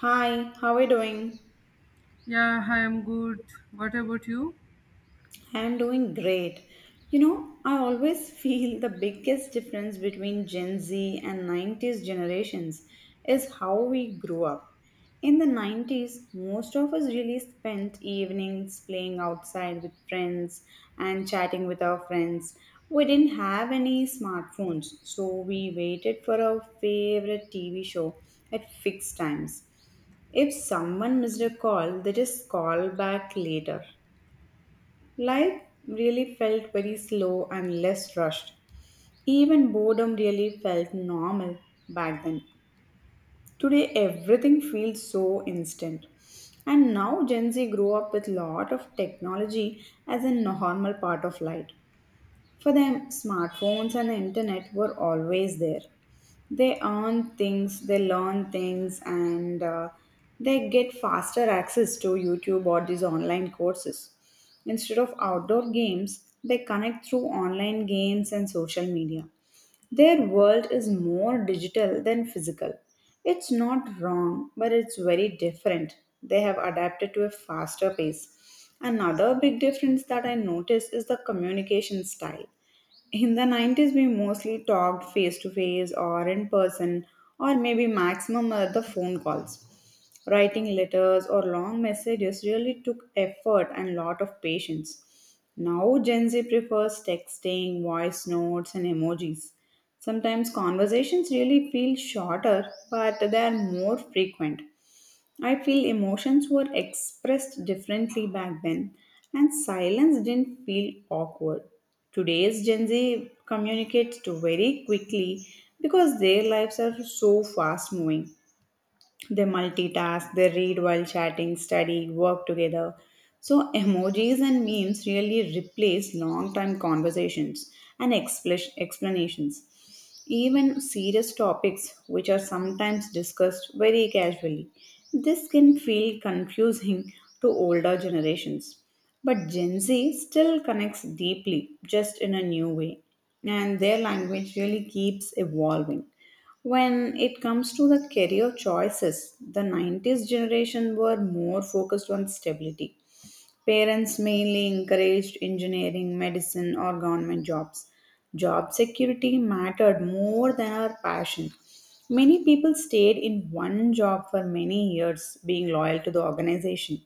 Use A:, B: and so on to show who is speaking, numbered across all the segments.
A: Hi, how are you doing?
B: Yeah, I am good. What about you?
A: I'm doing great. You know, I always feel the biggest difference between Gen Z and 90s generations is how we grew up. In the 90s, most of us really spent evenings playing outside with friends and chatting with our friends. We didn't have any smartphones, so we waited for our favorite TV show at fixed times. If someone missed a call, they just call back later. Life really felt very slow and less rushed. Even boredom really felt normal back then. Today, everything feels so instant. And now Gen Z grow up with lot of technology as a normal part of life. For them, smartphones and the internet were always there. They earn things, they learn things, and they get faster access to YouTube or these online courses. Instead of outdoor games, they connect through online games and social media. Their world is more digital than physical. It's not wrong, but it's very different. They have adapted to a faster pace. Another big difference that I noticed is the communication style. In the 90s, we mostly talked face to face or in person, or maybe maximum the phone calls. Writing letters or long messages really took effort and lot of patience. Now, Gen Z prefers texting, voice notes, and emojis. Sometimes conversations really feel shorter, but they are more frequent. I feel emotions were expressed differently back then, and silence didn't feel awkward. Today's Gen Z communicates too very quickly because their lives are so fast moving. They multitask, they read while chatting, study, work together. So, emojis and memes really replace long time conversations and explanations. Even serious topics, which are sometimes discussed very casually, this can feel confusing to older generations. But Gen Z still connects deeply, just in a new way, and their language really keeps evolving. When it comes to the career choices, the 90s generation were more focused on stability. Parents mainly encouraged engineering, medicine, or government jobs. Job security mattered more than our passion. Many people stayed in one job for many years, being loyal to the organization.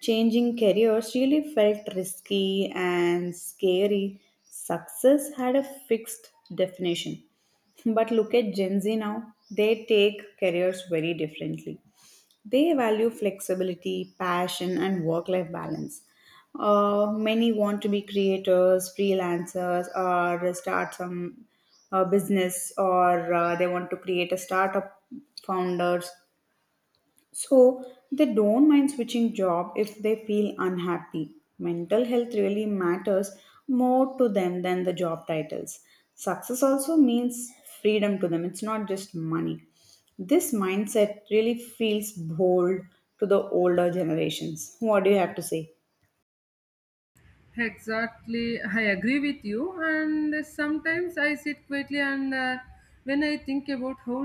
A: Changing careers really felt risky and scary. Success had a fixed definition. But look at Gen Z now, they take careers very differently. They value flexibility, passion, and work life balance. Many want to be creators, freelancers, or start some business, or they want to create a startup founders. So they don't mind switching job if they feel unhappy. Mental health really matters more to them than the job titles. Success also means freedom to them. It's not just money. This mindset really feels bold to the older generations. What do you have to say?
B: Exactly, I agree with you. And sometimes I sit quietly, and when I think about how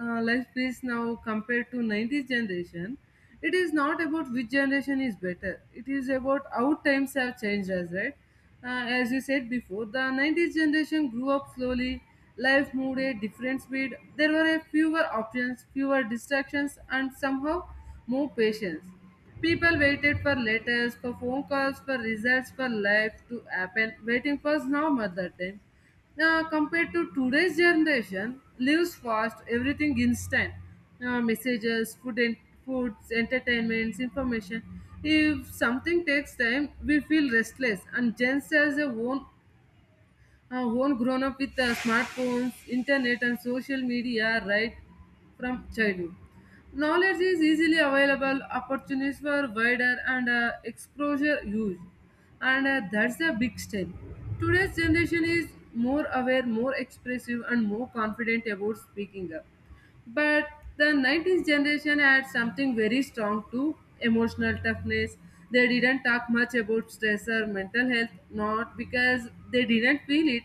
B: life is now compared to 90s generation, it is not about which generation is better. It is about how times have changed us, right? As you said before, the 90s generation grew up slowly. Life moved at different speed. There were a fewer options, fewer distractions, and somehow more patience. People waited for letters, for phone calls, for results, for life to happen. Waiting was normal at that time. Now, compared to today's generation, lives fast, everything instant. Messages, food and foods, entertainments, information. If something takes time, we feel restless. And Gen Z has their own one grown up with smartphones, internet, and social media right from childhood. Knowledge is easily available, opportunities were wider, and exposure huge. And that's the big step. Today's generation is more aware, more expressive, and more confident about speaking up. But the 90s generation had something very strong to emotional toughness. They didn't talk much about stress or mental health, not because they didn't feel it,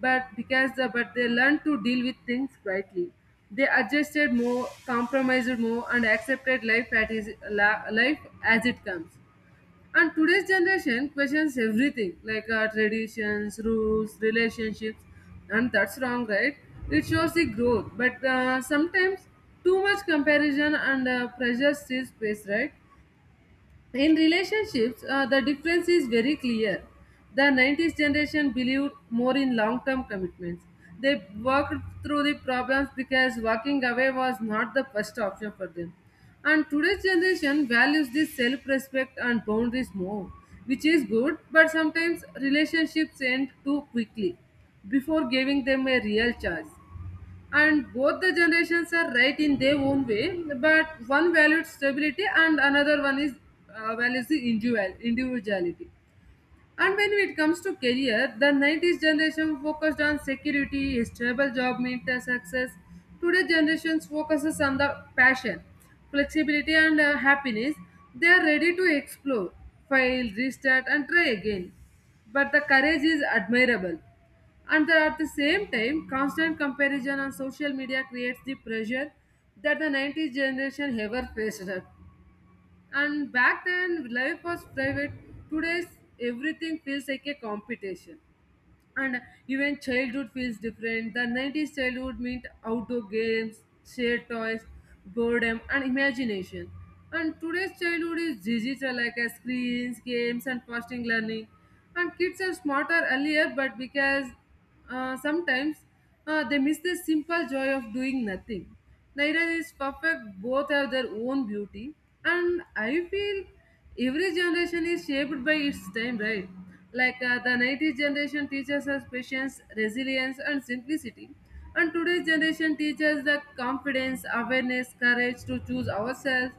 B: but because the, but they learned to deal with things quietly. They adjusted more, compromised more, and accepted life at is, la, life as it comes. And today's generation questions everything like our traditions, rules, relationships, and that's wrong, right? It shows the growth, but sometimes too much comparison and pressure steals space, right? In relationships, the difference is very clear. The 90s generation believed more in long term commitments. They worked through the problems because walking away was not the first option for them. And today's generation values this self respect and boundaries more, which is good, but sometimes relationships end too quickly before giving them a real chance, and both the generations are right in their own way, but one valued stability and another one is values the individual individuality. And when it comes to career, the 90s generation focused on security, a stable job meant a success. Today generation focuses on the passion, flexibility and happiness. They are ready to explore, fail, restart and try again. But the courage is admirable. And that at the same time, constant comparison on social media creates the pressure that the 90s generation ever faced. And back then, life was private. Today's everything feels like a competition. And even childhood feels different. The 90s childhood meant outdoor games, shared toys, boredom, and imagination. And today's childhood is digital, like screens, games, and fast learning. And kids are smarter earlier, but because sometimes they miss the simple joy of doing nothing. Neither is perfect, both have their own beauty. And I feel every generation is shaped by its time, right? Like the 90s generation teaches us patience, resilience, and simplicity. And today's generation teaches the confidence, awareness, courage to choose ourselves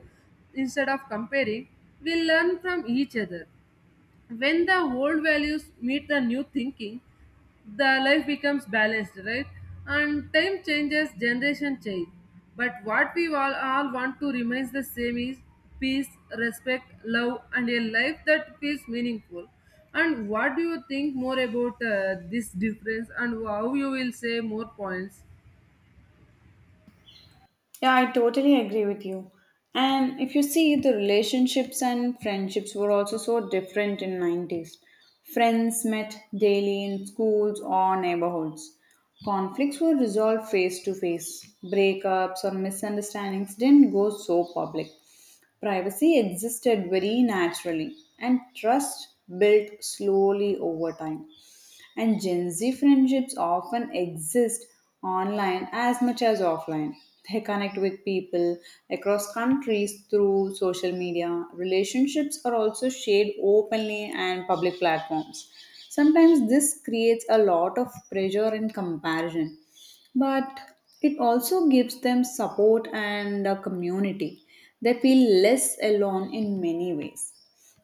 B: instead of comparing. We learn from each other. When the old values meet the new thinking, the life becomes balanced, right? And time changes, generation change, but what we all want to remains the same is peace, respect, love and a life that feels meaningful. And what do you think more about this difference and how you will say more points?
A: Yeah, I totally agree with you. And if you see, the relationships and friendships were also so different in 90s. Friends met daily in schools or neighborhoods. Conflicts were resolved face to face. Breakups or misunderstandings didn't go so public. Privacy existed very naturally, and trust built slowly over time. And Gen Z friendships often exist online as much as offline. They connect with people across countries through social media. Relationships are also shared openly and public platforms. Sometimes this creates a lot of pressure and comparison, but it also gives them support and a community. They feel less alone in many ways.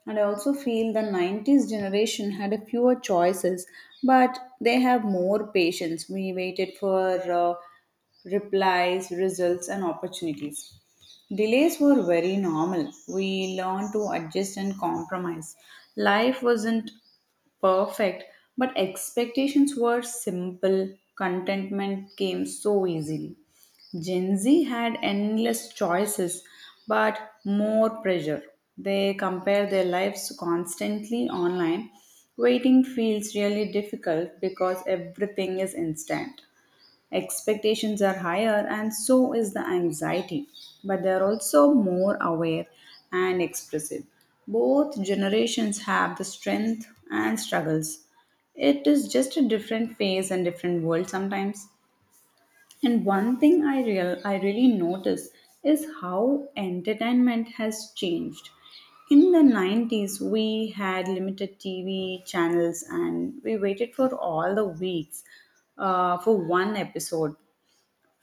A: And I also feel the 90s generation had a fewer choices, but they have more patience. We waited for replies, results, and opportunities. Delays were very normal. We learned to adjust and compromise. Life wasn't perfect, but expectations were simple. Contentment came so easily. Gen Z had endless choices, but more pressure. They compare their lives constantly online. Waiting feels really difficult because everything is instant. Expectations are higher, and so is the anxiety, but they're also more aware and expressive. Both generations have the strength and struggles. It is just a different phase and different world sometimes. And one thing I really notice is how entertainment has changed. In the 90s, we had limited TV channels, and we waited for all the weeks for one episode.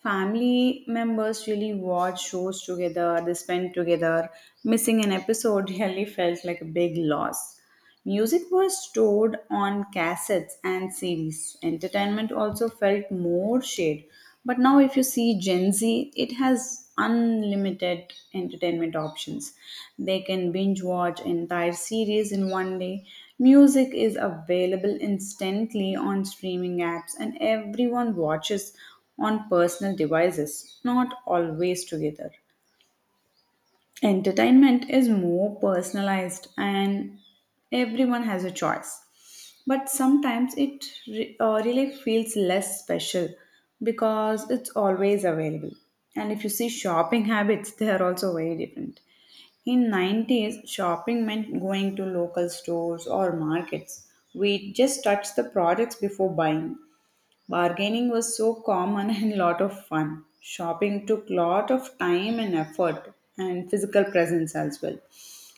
A: Family members really watch shows together, they spend together. Missing an episode really felt like a big loss. Music was stored on cassettes and CDs. Entertainment also felt more shared. But now, if you see Gen Z, it has unlimited entertainment options. They can binge watch entire series in one day. Music is available instantly on streaming apps, and everyone watches on personal devices, not always together. Entertainment is more personalized, and everyone has a choice, but sometimes it really feels less special because it's always available. And if you see shopping habits, they are also very different. In 90s, shopping meant going to local stores or markets. We just touched the products before buying. Bargaining was so common and lot of fun. Shopping took lot of time and effort and physical presence as well.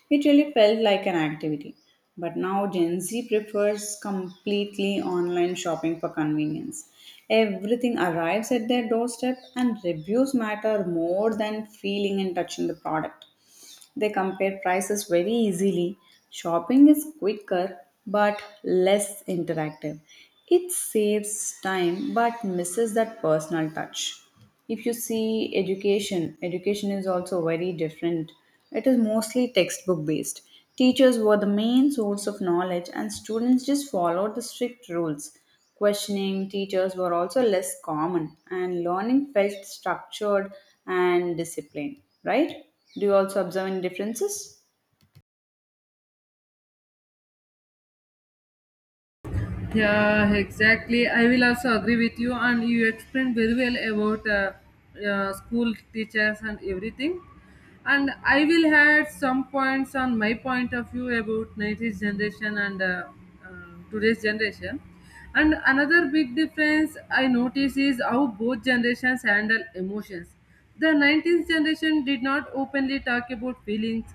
A: It really felt like an activity. But now Gen Z prefers completely online shopping for convenience. Everything arrives at their doorstep, and reviews matter more than feeling and touching the product. They compare prices very easily. Shopping is quicker but less interactive. It saves time but misses that personal touch. If you see education, education is also very different. It is mostly textbook based. Teachers were the main source of knowledge, and students just followed the strict rules. Questioning teachers were also less common, and learning felt structured and disciplined, right? Do you also observe any differences?
B: Yeah, exactly. I will also agree with you, and you explained very well about school teachers and everything. And I will add some points on my point of view about 90s generation and uh, today's generation. And another big difference I notice is how both generations handle emotions. The 19th generation did not openly talk about feelings,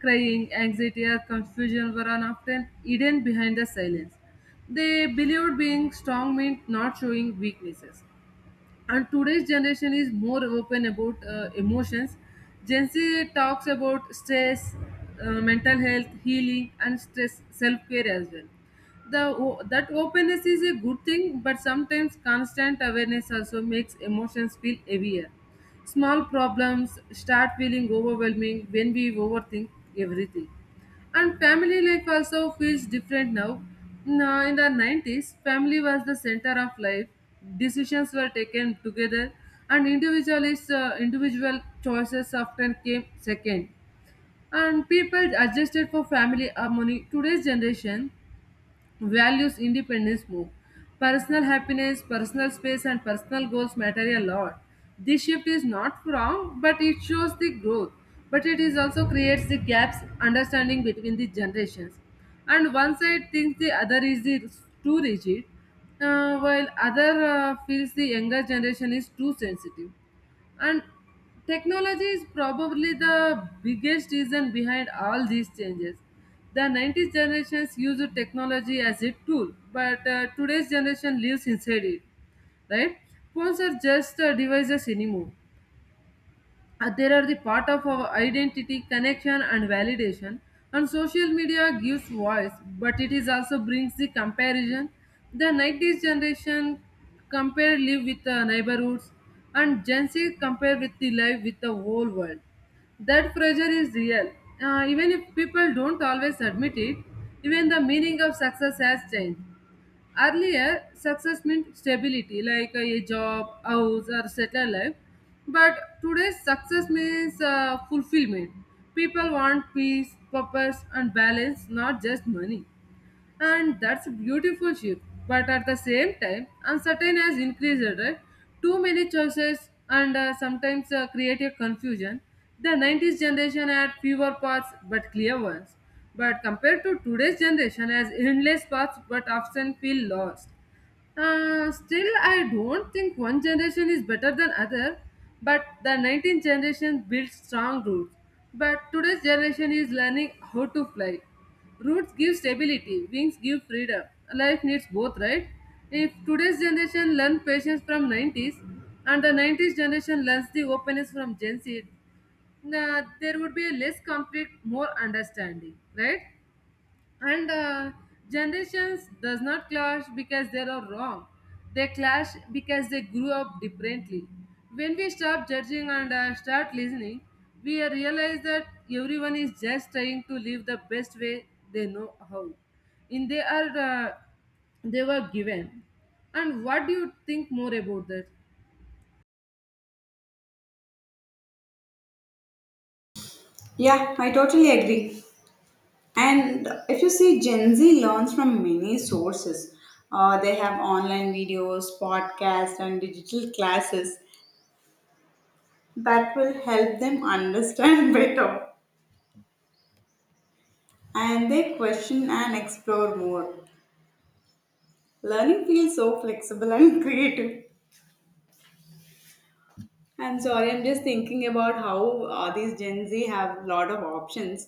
B: crying, anxiety, or confusion were often hidden behind the silence. They believed being strong meant not showing weaknesses. And today's generation is more open about emotions. Gen Z talks about stress, mental health, healing, and stress self care as well. That openness is a good thing, but sometimes constant awareness also makes emotions feel heavier. Small problems start feeling overwhelming when we overthink everything. And family life also feels different now. Now, in the 90s, family was the center of life. Decisions were taken together, and individual choices often came second. And people adjusted for family harmony. Today's generation values independence move. Personal happiness, personal space, and personal goals matter a lot. This shift is not wrong, but it shows the growth. But it is also creates the gaps understanding between the generations. And one side thinks the other is the too rigid, while other feels the younger generation is too sensitive. And technology is probably the biggest reason behind all these changes. The 90s generations used technology as a tool, but today's generation lives inside it, right? Phones are just devices anymore. There are the part of our identity, connection and validation. And social media gives voice, but it is also brings the comparison. The 90s generation compare live with the neighborhoods, and Gen Z compare with the life with the whole world. That pressure is real. Even if people don't always admit it, even the meaning of success has changed. Earlier, success meant stability, like a job, house, or settled life. But today's success means fulfillment. People want peace, purpose, and balance, not just money. And that's a beautiful shift, but at the same time uncertain has increased, right? Too many choices and sometimes creative confusion. The 90s generation had fewer paths but clear ones, but compared to today's generation has endless paths but often feel lost. Still I don't think one generation is better than other, but the 19th generation built strong roots. But today's generation is learning how to fly. Roots give stability, wings give freedom. Life needs both, right? If today's generation learns patience from 90s and the 90s generation learns the openness from Gen Z, nah, there would be less conflict, more understanding, right? and generations does not clash because they are wrong. They clash because they grew up differently. When we stop judging and start listening, we realize that everyone is just trying to live the best way they know how in they are they were given. And what do you think more about that?
A: Yeah, I totally agree. And if you see, Gen Z learns from many sources. They have online videos, podcasts, and digital classes that will help them understand better. And they question and explore more. Learning feels so flexible and creative. I'm sorry, I'm just thinking about how these Gen Z have a lot of options.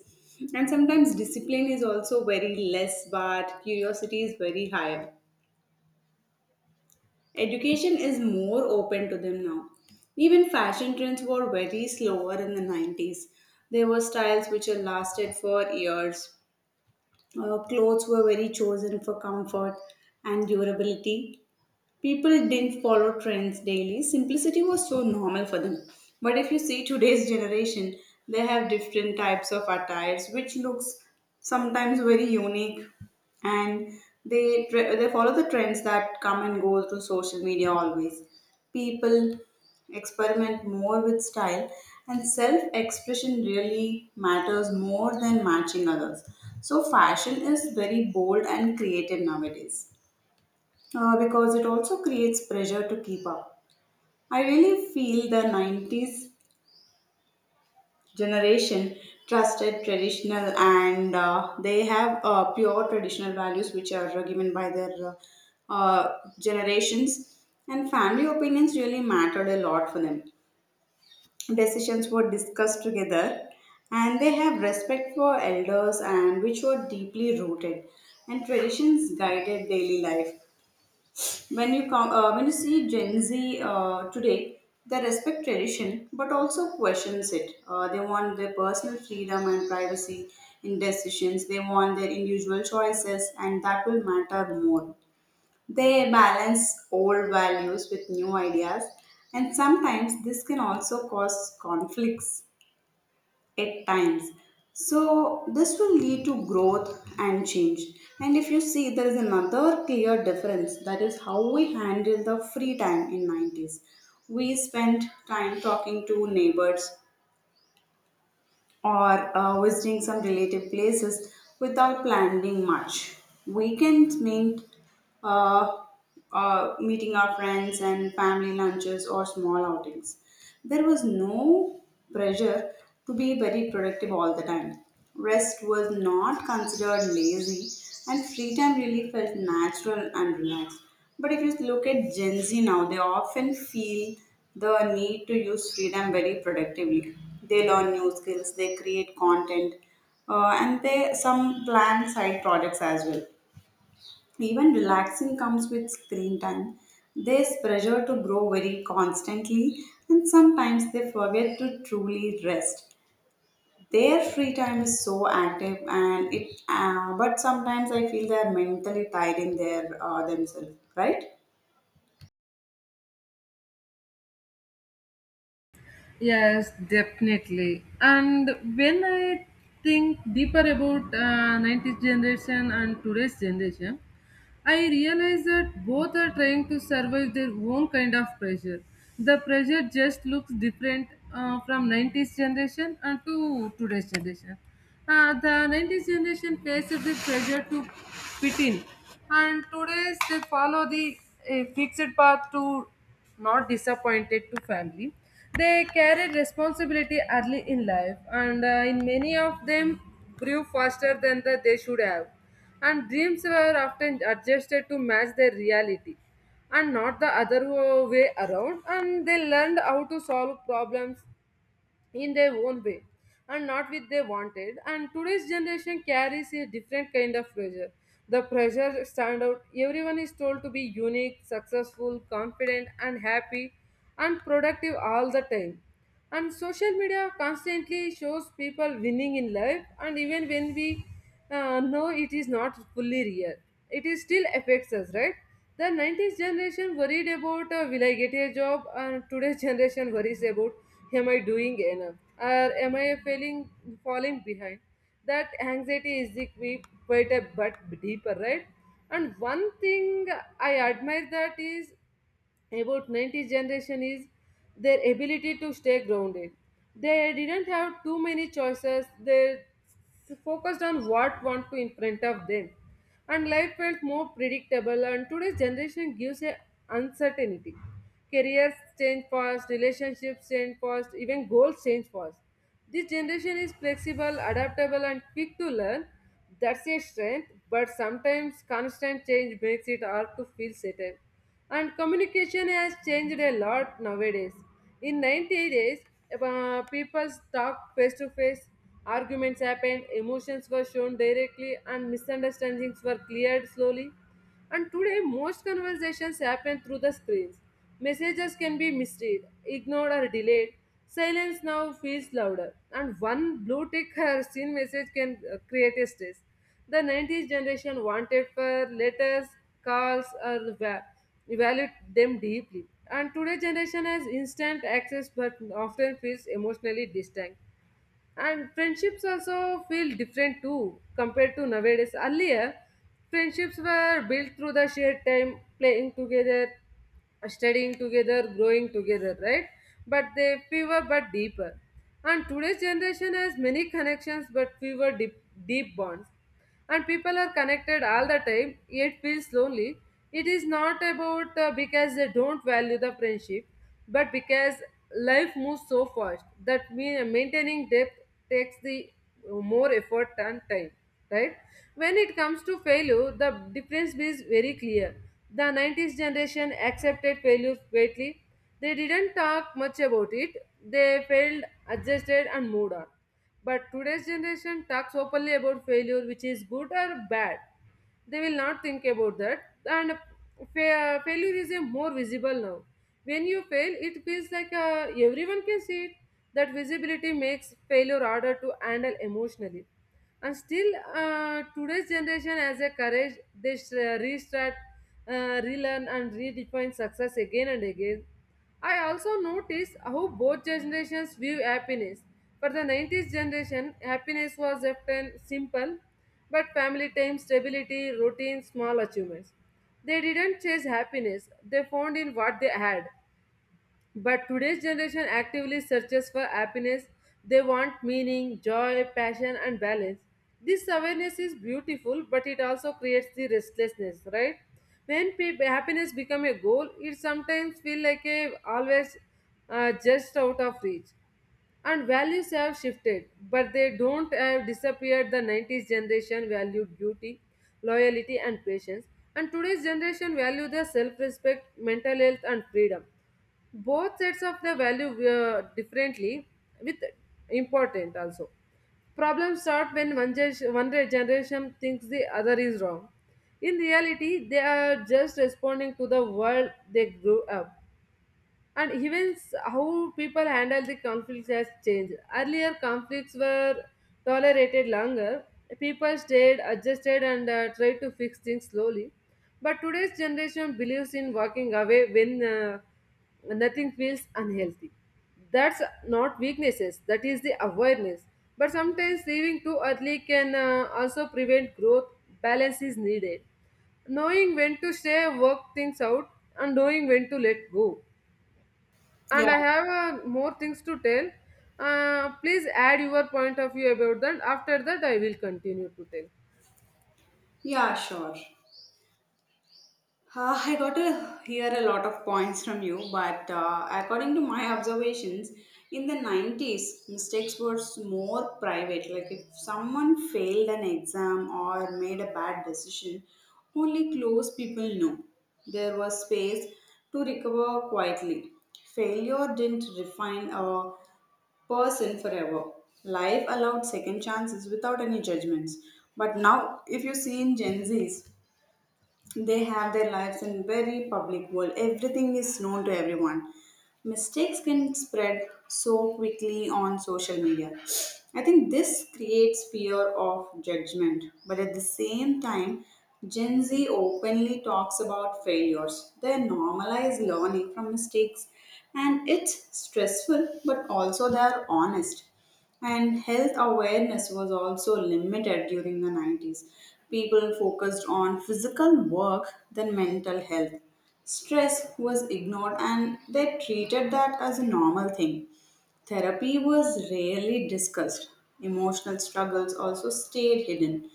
A: And sometimes discipline is also very less, but curiosity is very higher. Education is more open to them now. Even fashion trends were very slower in the 90s. There were styles which had lasted for years. Clothes were very chosen for comfort and durability. People didn't follow trends daily. Simplicity was so normal for them. But if you see today's generation, they have different types of attires, which looks sometimes very unique, and they they follow the trends that come and go through social media. Always, people experiment more with style, and self expression really matters more than matching others. So, fashion is very bold and creative nowadays, because it also creates pressure to keep up. I really feel the 90s generation trusted traditional, and they have pure traditional values which are given by their generations, and family opinions really mattered a lot for them. Decisions were discussed together, and they have respect for elders, and which were deeply rooted, and traditions guided daily life. When you see Gen Z today, they respect tradition but also questions it. They want their personal freedom and privacy in decisions. They want their individual choices, and that will matter more. They balance old values with new ideas, and sometimes this can also cause conflicts at times. So, this will lead to growth and change. And if you see, there is another clear difference, that is how we handle the free time in 90s. We spent time talking to neighbors, or visiting some relative places without planning much. Weekends meant uh, meeting our friends and family lunches or small outings. There was no pressure to be very productive all the time. Rest was not considered lazy, and free time really felt natural and relaxed. But if you look at Gen Z now, they often feel the need to use freedom very productively. They learn new skills, they create content, and they some plan side projects as well. Even relaxing comes with screen time. There's pressure to grow very constantly, and sometimes they forget to truly rest. Their free time is so active, and it. But sometimes I feel they're mentally tied in their themselves, right?
B: Yes, definitely. And when I think deeper about 90th generation and today's generation, I realize that both are trying to survive their own kind of pressure. The pressure just looks different from 90s generation and to today's generation. The 90s generation faced the pressure to fit in, and today's they follow the fixed path to not disappointed to family. They carried responsibility early in life, and in many of them grew faster than the, they should have, and dreams were often adjusted to match their reality and not the other way around, and they learned how to solve problems in their own way and not with they wanted. And today's generation carries a different kind of pressure, the pressure stand out. Everyone is told to be unique, successful, confident and happy and productive all the time. And social media constantly shows people winning in life, and even when we no, it is not fully real. It is still affects us, right? The 90s generation worried about will I get a job, and today's generation worries about am I doing enough or am I failing, falling behind. That anxiety is the key, quite a bit deeper, right? And one thing I admire that is about 90s generation is their ability to stay grounded. They didn't have too many choices. They focused on what want to in front of them, and life felt more predictable. And today's generation gives a uncertainty. Careers change fast, relationships change fast, even goals change fast. This generation is flexible, adaptable and quick to learn. That's a strength, but sometimes constant change makes it hard to feel settled. And communication has changed a lot nowadays. In 90 days, people talk face to face, arguments happened, emotions were shown directly, and misunderstandings were cleared slowly. And today, most conversations happen through the screens. Messages can be misread, ignored, or delayed. Silence now feels louder, and one blue tick or seen message can create a stress. The 90s generation wanted for letters, calls, or valued them deeply. And today's generation has instant access but often feels emotionally distant, and friendships also feel different too. Compared to nowadays, earlier friendships were built through the shared time playing together, studying together, growing together, right? But they fewer but deeper, and today's generation has many connections but fewer deep bonds, and people are connected all the time yet feels lonely. It is not about because they don't value the friendship, but because life moves so fast that mean maintaining depth takes the more effort and time, right? When it comes to failure, the difference is very clear. The 90s generation accepted failure greatly. They didn't talk much about it. They failed, adjusted and moved on. But today's generation talks openly about failure, which is good or bad. They will not think about that. And failure is a more visible now. When you fail, it feels like everyone can see it. That visibility makes failure harder to handle emotionally, and still, today's generation has a courage. They restart, relearn and redefine success again and again. I also notice how both generations view happiness. For the 90s generation, happiness was often simple, but family time, stability, routine, small achievements. They didn't chase happiness, they found in what they had. But today's generation actively searches for happiness. They want meaning, joy, passion, and balance. This awareness is beautiful, but it also creates the restlessness, right? When people, happiness become a goal, it sometimes feel like a always just out of reach. And values have shifted, but they don't have disappeared. The 90s generation valued beauty, loyalty, and patience, and today's generation value the self-respect, mental health, and freedom. Both sets of the value differently, with important also. Problems start when one, one generation thinks the other is wrong. In reality, they are just responding to the world they grew up. And even how people handle the conflicts has changed. Earlier, conflicts were tolerated longer. People stayed adjusted and tried to fix things slowly. But today's generation believes in walking away when nothing feels unhealthy. That's not weaknesses, that is the awareness. But sometimes leaving too early can also prevent growth. Balance is needed. Knowing when to stay, work things out, and knowing when to let go.
A: Yeah.
B: And I have more things to tell. Please add your point of view about that. After that, I will continue to tell.
A: Yeah, sure. I got to hear a lot of points from you, but according to my observations, in the 90s, mistakes were more private. Like if someone failed an exam or made a bad decision, only close people knew. There was space to recover quietly. Failure didn't refine a person forever. Life allowed second chances without any judgments. But now, if you see in Gen Zs, they have their lives in very public world. Everything is known to everyone. Mistakes can spread so quickly on social media. I think this creates fear of judgment. But at the same time, Gen Z openly talks about failures. They normalize learning from mistakes, and it's stressful, but also they are honest. And health awareness was also limited during the 90s. People focused on physical work than mental health. Stress was ignored, and they treated that as a normal thing. Therapy was rarely discussed. Emotional struggles also stayed hidden.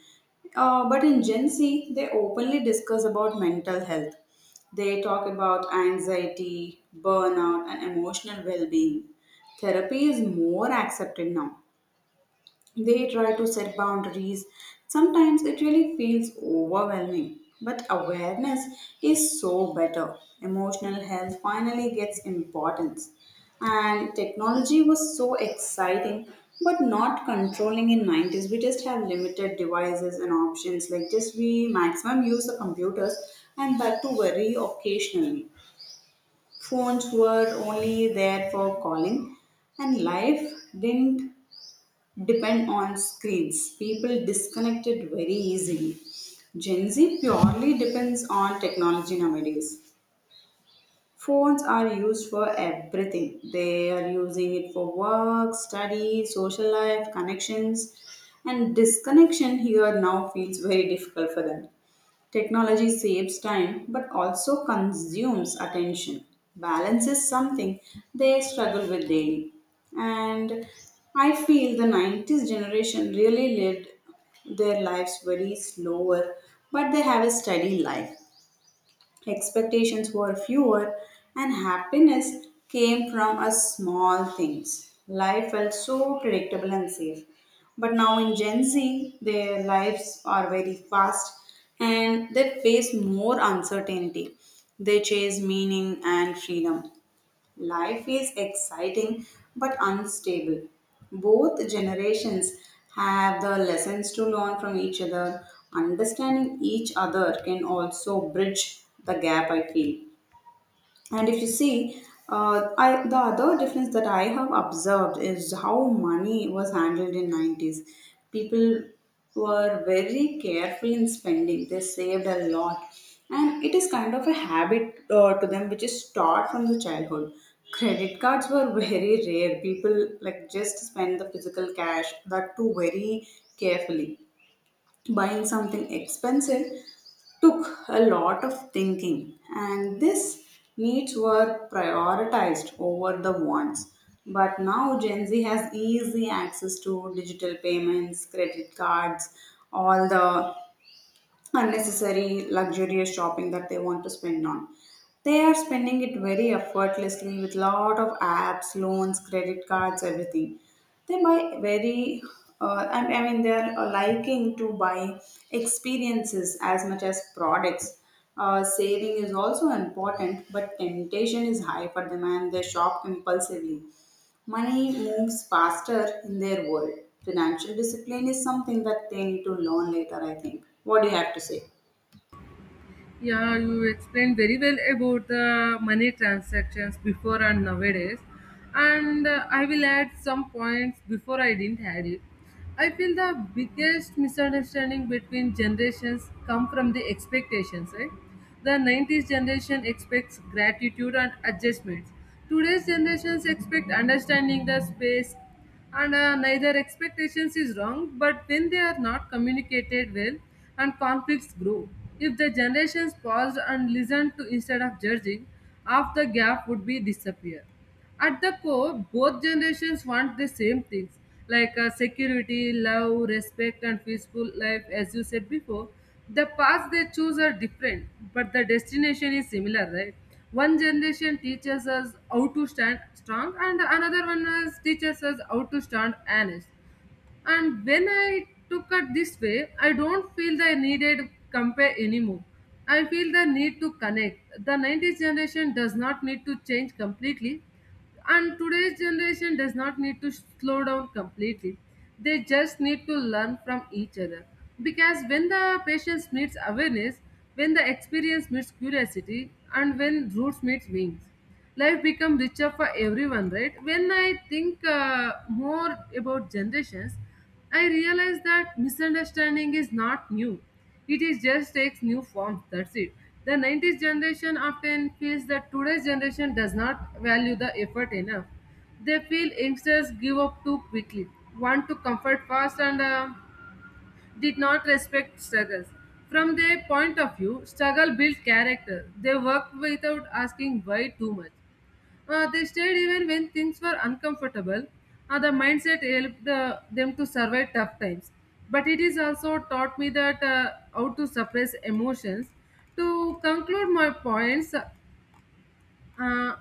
A: But in Gen Z, they openly discuss about mental health. They talk about anxiety, burnout, and emotional well being. Therapy is more accepted now. They try to set boundaries. Sometimes it really feels overwhelming, but awareness is so better. Emotional health finally gets importance. And technology was so exciting, but not controlling in 90s. We just have limited devices and options. Like just we maximum use the computers, and that too very occasionally. Phones were only there for calling, and life didn't depend on screens. People disconnected very easily. Gen Z purely depends on technology nowadays. Phones are used for everything. They are using it for work, study, social life, connections, and disconnection here now feels very difficult for them. Technology saves time but also consumes attention. Balance is something they struggle with daily. And I feel the 90s generation really lived their lives very slower, but they have a steady life. Expectations were fewer, and happiness came from a small things. Life felt so predictable and safe. But now in Gen Z, their lives are very fast, and they face more uncertainty. They chase meaning and freedom. Life is exciting but unstable. Both generations have the lessons to learn from each other. Understanding each other can also bridge the gap, I feel. And if you see, the other difference that I have observed is how money was handled in 90s. People were very careful in spending. They saved a lot. And it is kind of a habit to them, which is taught from the childhood. Credit cards were very rare. People like just spend the physical cash, that too very carefully. Buying something expensive took a lot of thinking, and these needs were prioritized over the wants. But now Gen Z has easy access to digital payments, credit cards, all the unnecessary luxurious shopping that they want to spend on. They are spending it very effortlessly with lot of apps, loans, credit cards, everything. They buy very, I mean, they are liking to buy experiences as much as products. Saving is also important, but temptation is high for them, and they shop impulsively. Money moves faster in their world. Financial discipline is something that they need to learn later, I think. What do you have to say?
B: Yeah, you explained very well about the money transactions before and nowadays, and I will add some points before I didn't add it. I feel the biggest misunderstanding between generations come from the expectations, right? The 90s generation expects gratitude and adjustments. Today's generations expect understanding the space, and neither expectations is wrong but when they are not communicated well, and conflicts grow. If the generations paused and listened to instead of judging, half the gap would be disappear. At the core, both generations want the same things, like security, love, respect and peaceful life. As you said before, the paths they choose are different but the destination is similar, right? One generation teaches us how to stand strong and another one is teaches us how to stand honest. And when I took it this way, I don't feel the needed compare anymore. I feel the need to connect. The 90s generation does not need to change completely, and today's generation does not need to slow down completely. They just need to learn from each other. Because when the patience meets awareness, when the experience meets curiosity, and when roots meets wings, life become richer for everyone, right? When I think more about generations, I realize that misunderstanding is not new. It is just takes new forms, that's it. The 90s generation often feels that today's generation does not value the effort enough. They feel youngsters give up too quickly, want to comfort fast and did not respect struggles. From their point of view, struggle built character. They work without asking why too much. They stayed even when things were uncomfortable. The mindset helped the, them to survive tough times. But it is also taught me that how to suppress emotions. To conclude my points, uh,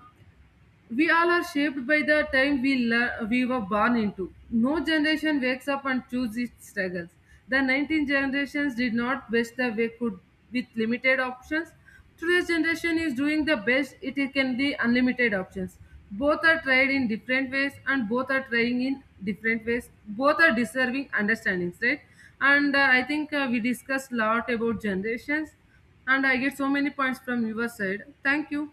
B: we all are shaped by the time we were born into. No generation wakes up and chooses its struggles. The 19 generations did not best that they could with limited options. Today's generation is doing the best it can be unlimited options. Both are tried in different ways and both are trying in different ways. Both are deserving understandings, right? And I think we discussed a lot about generations, and I get so many points from your side. Thank you.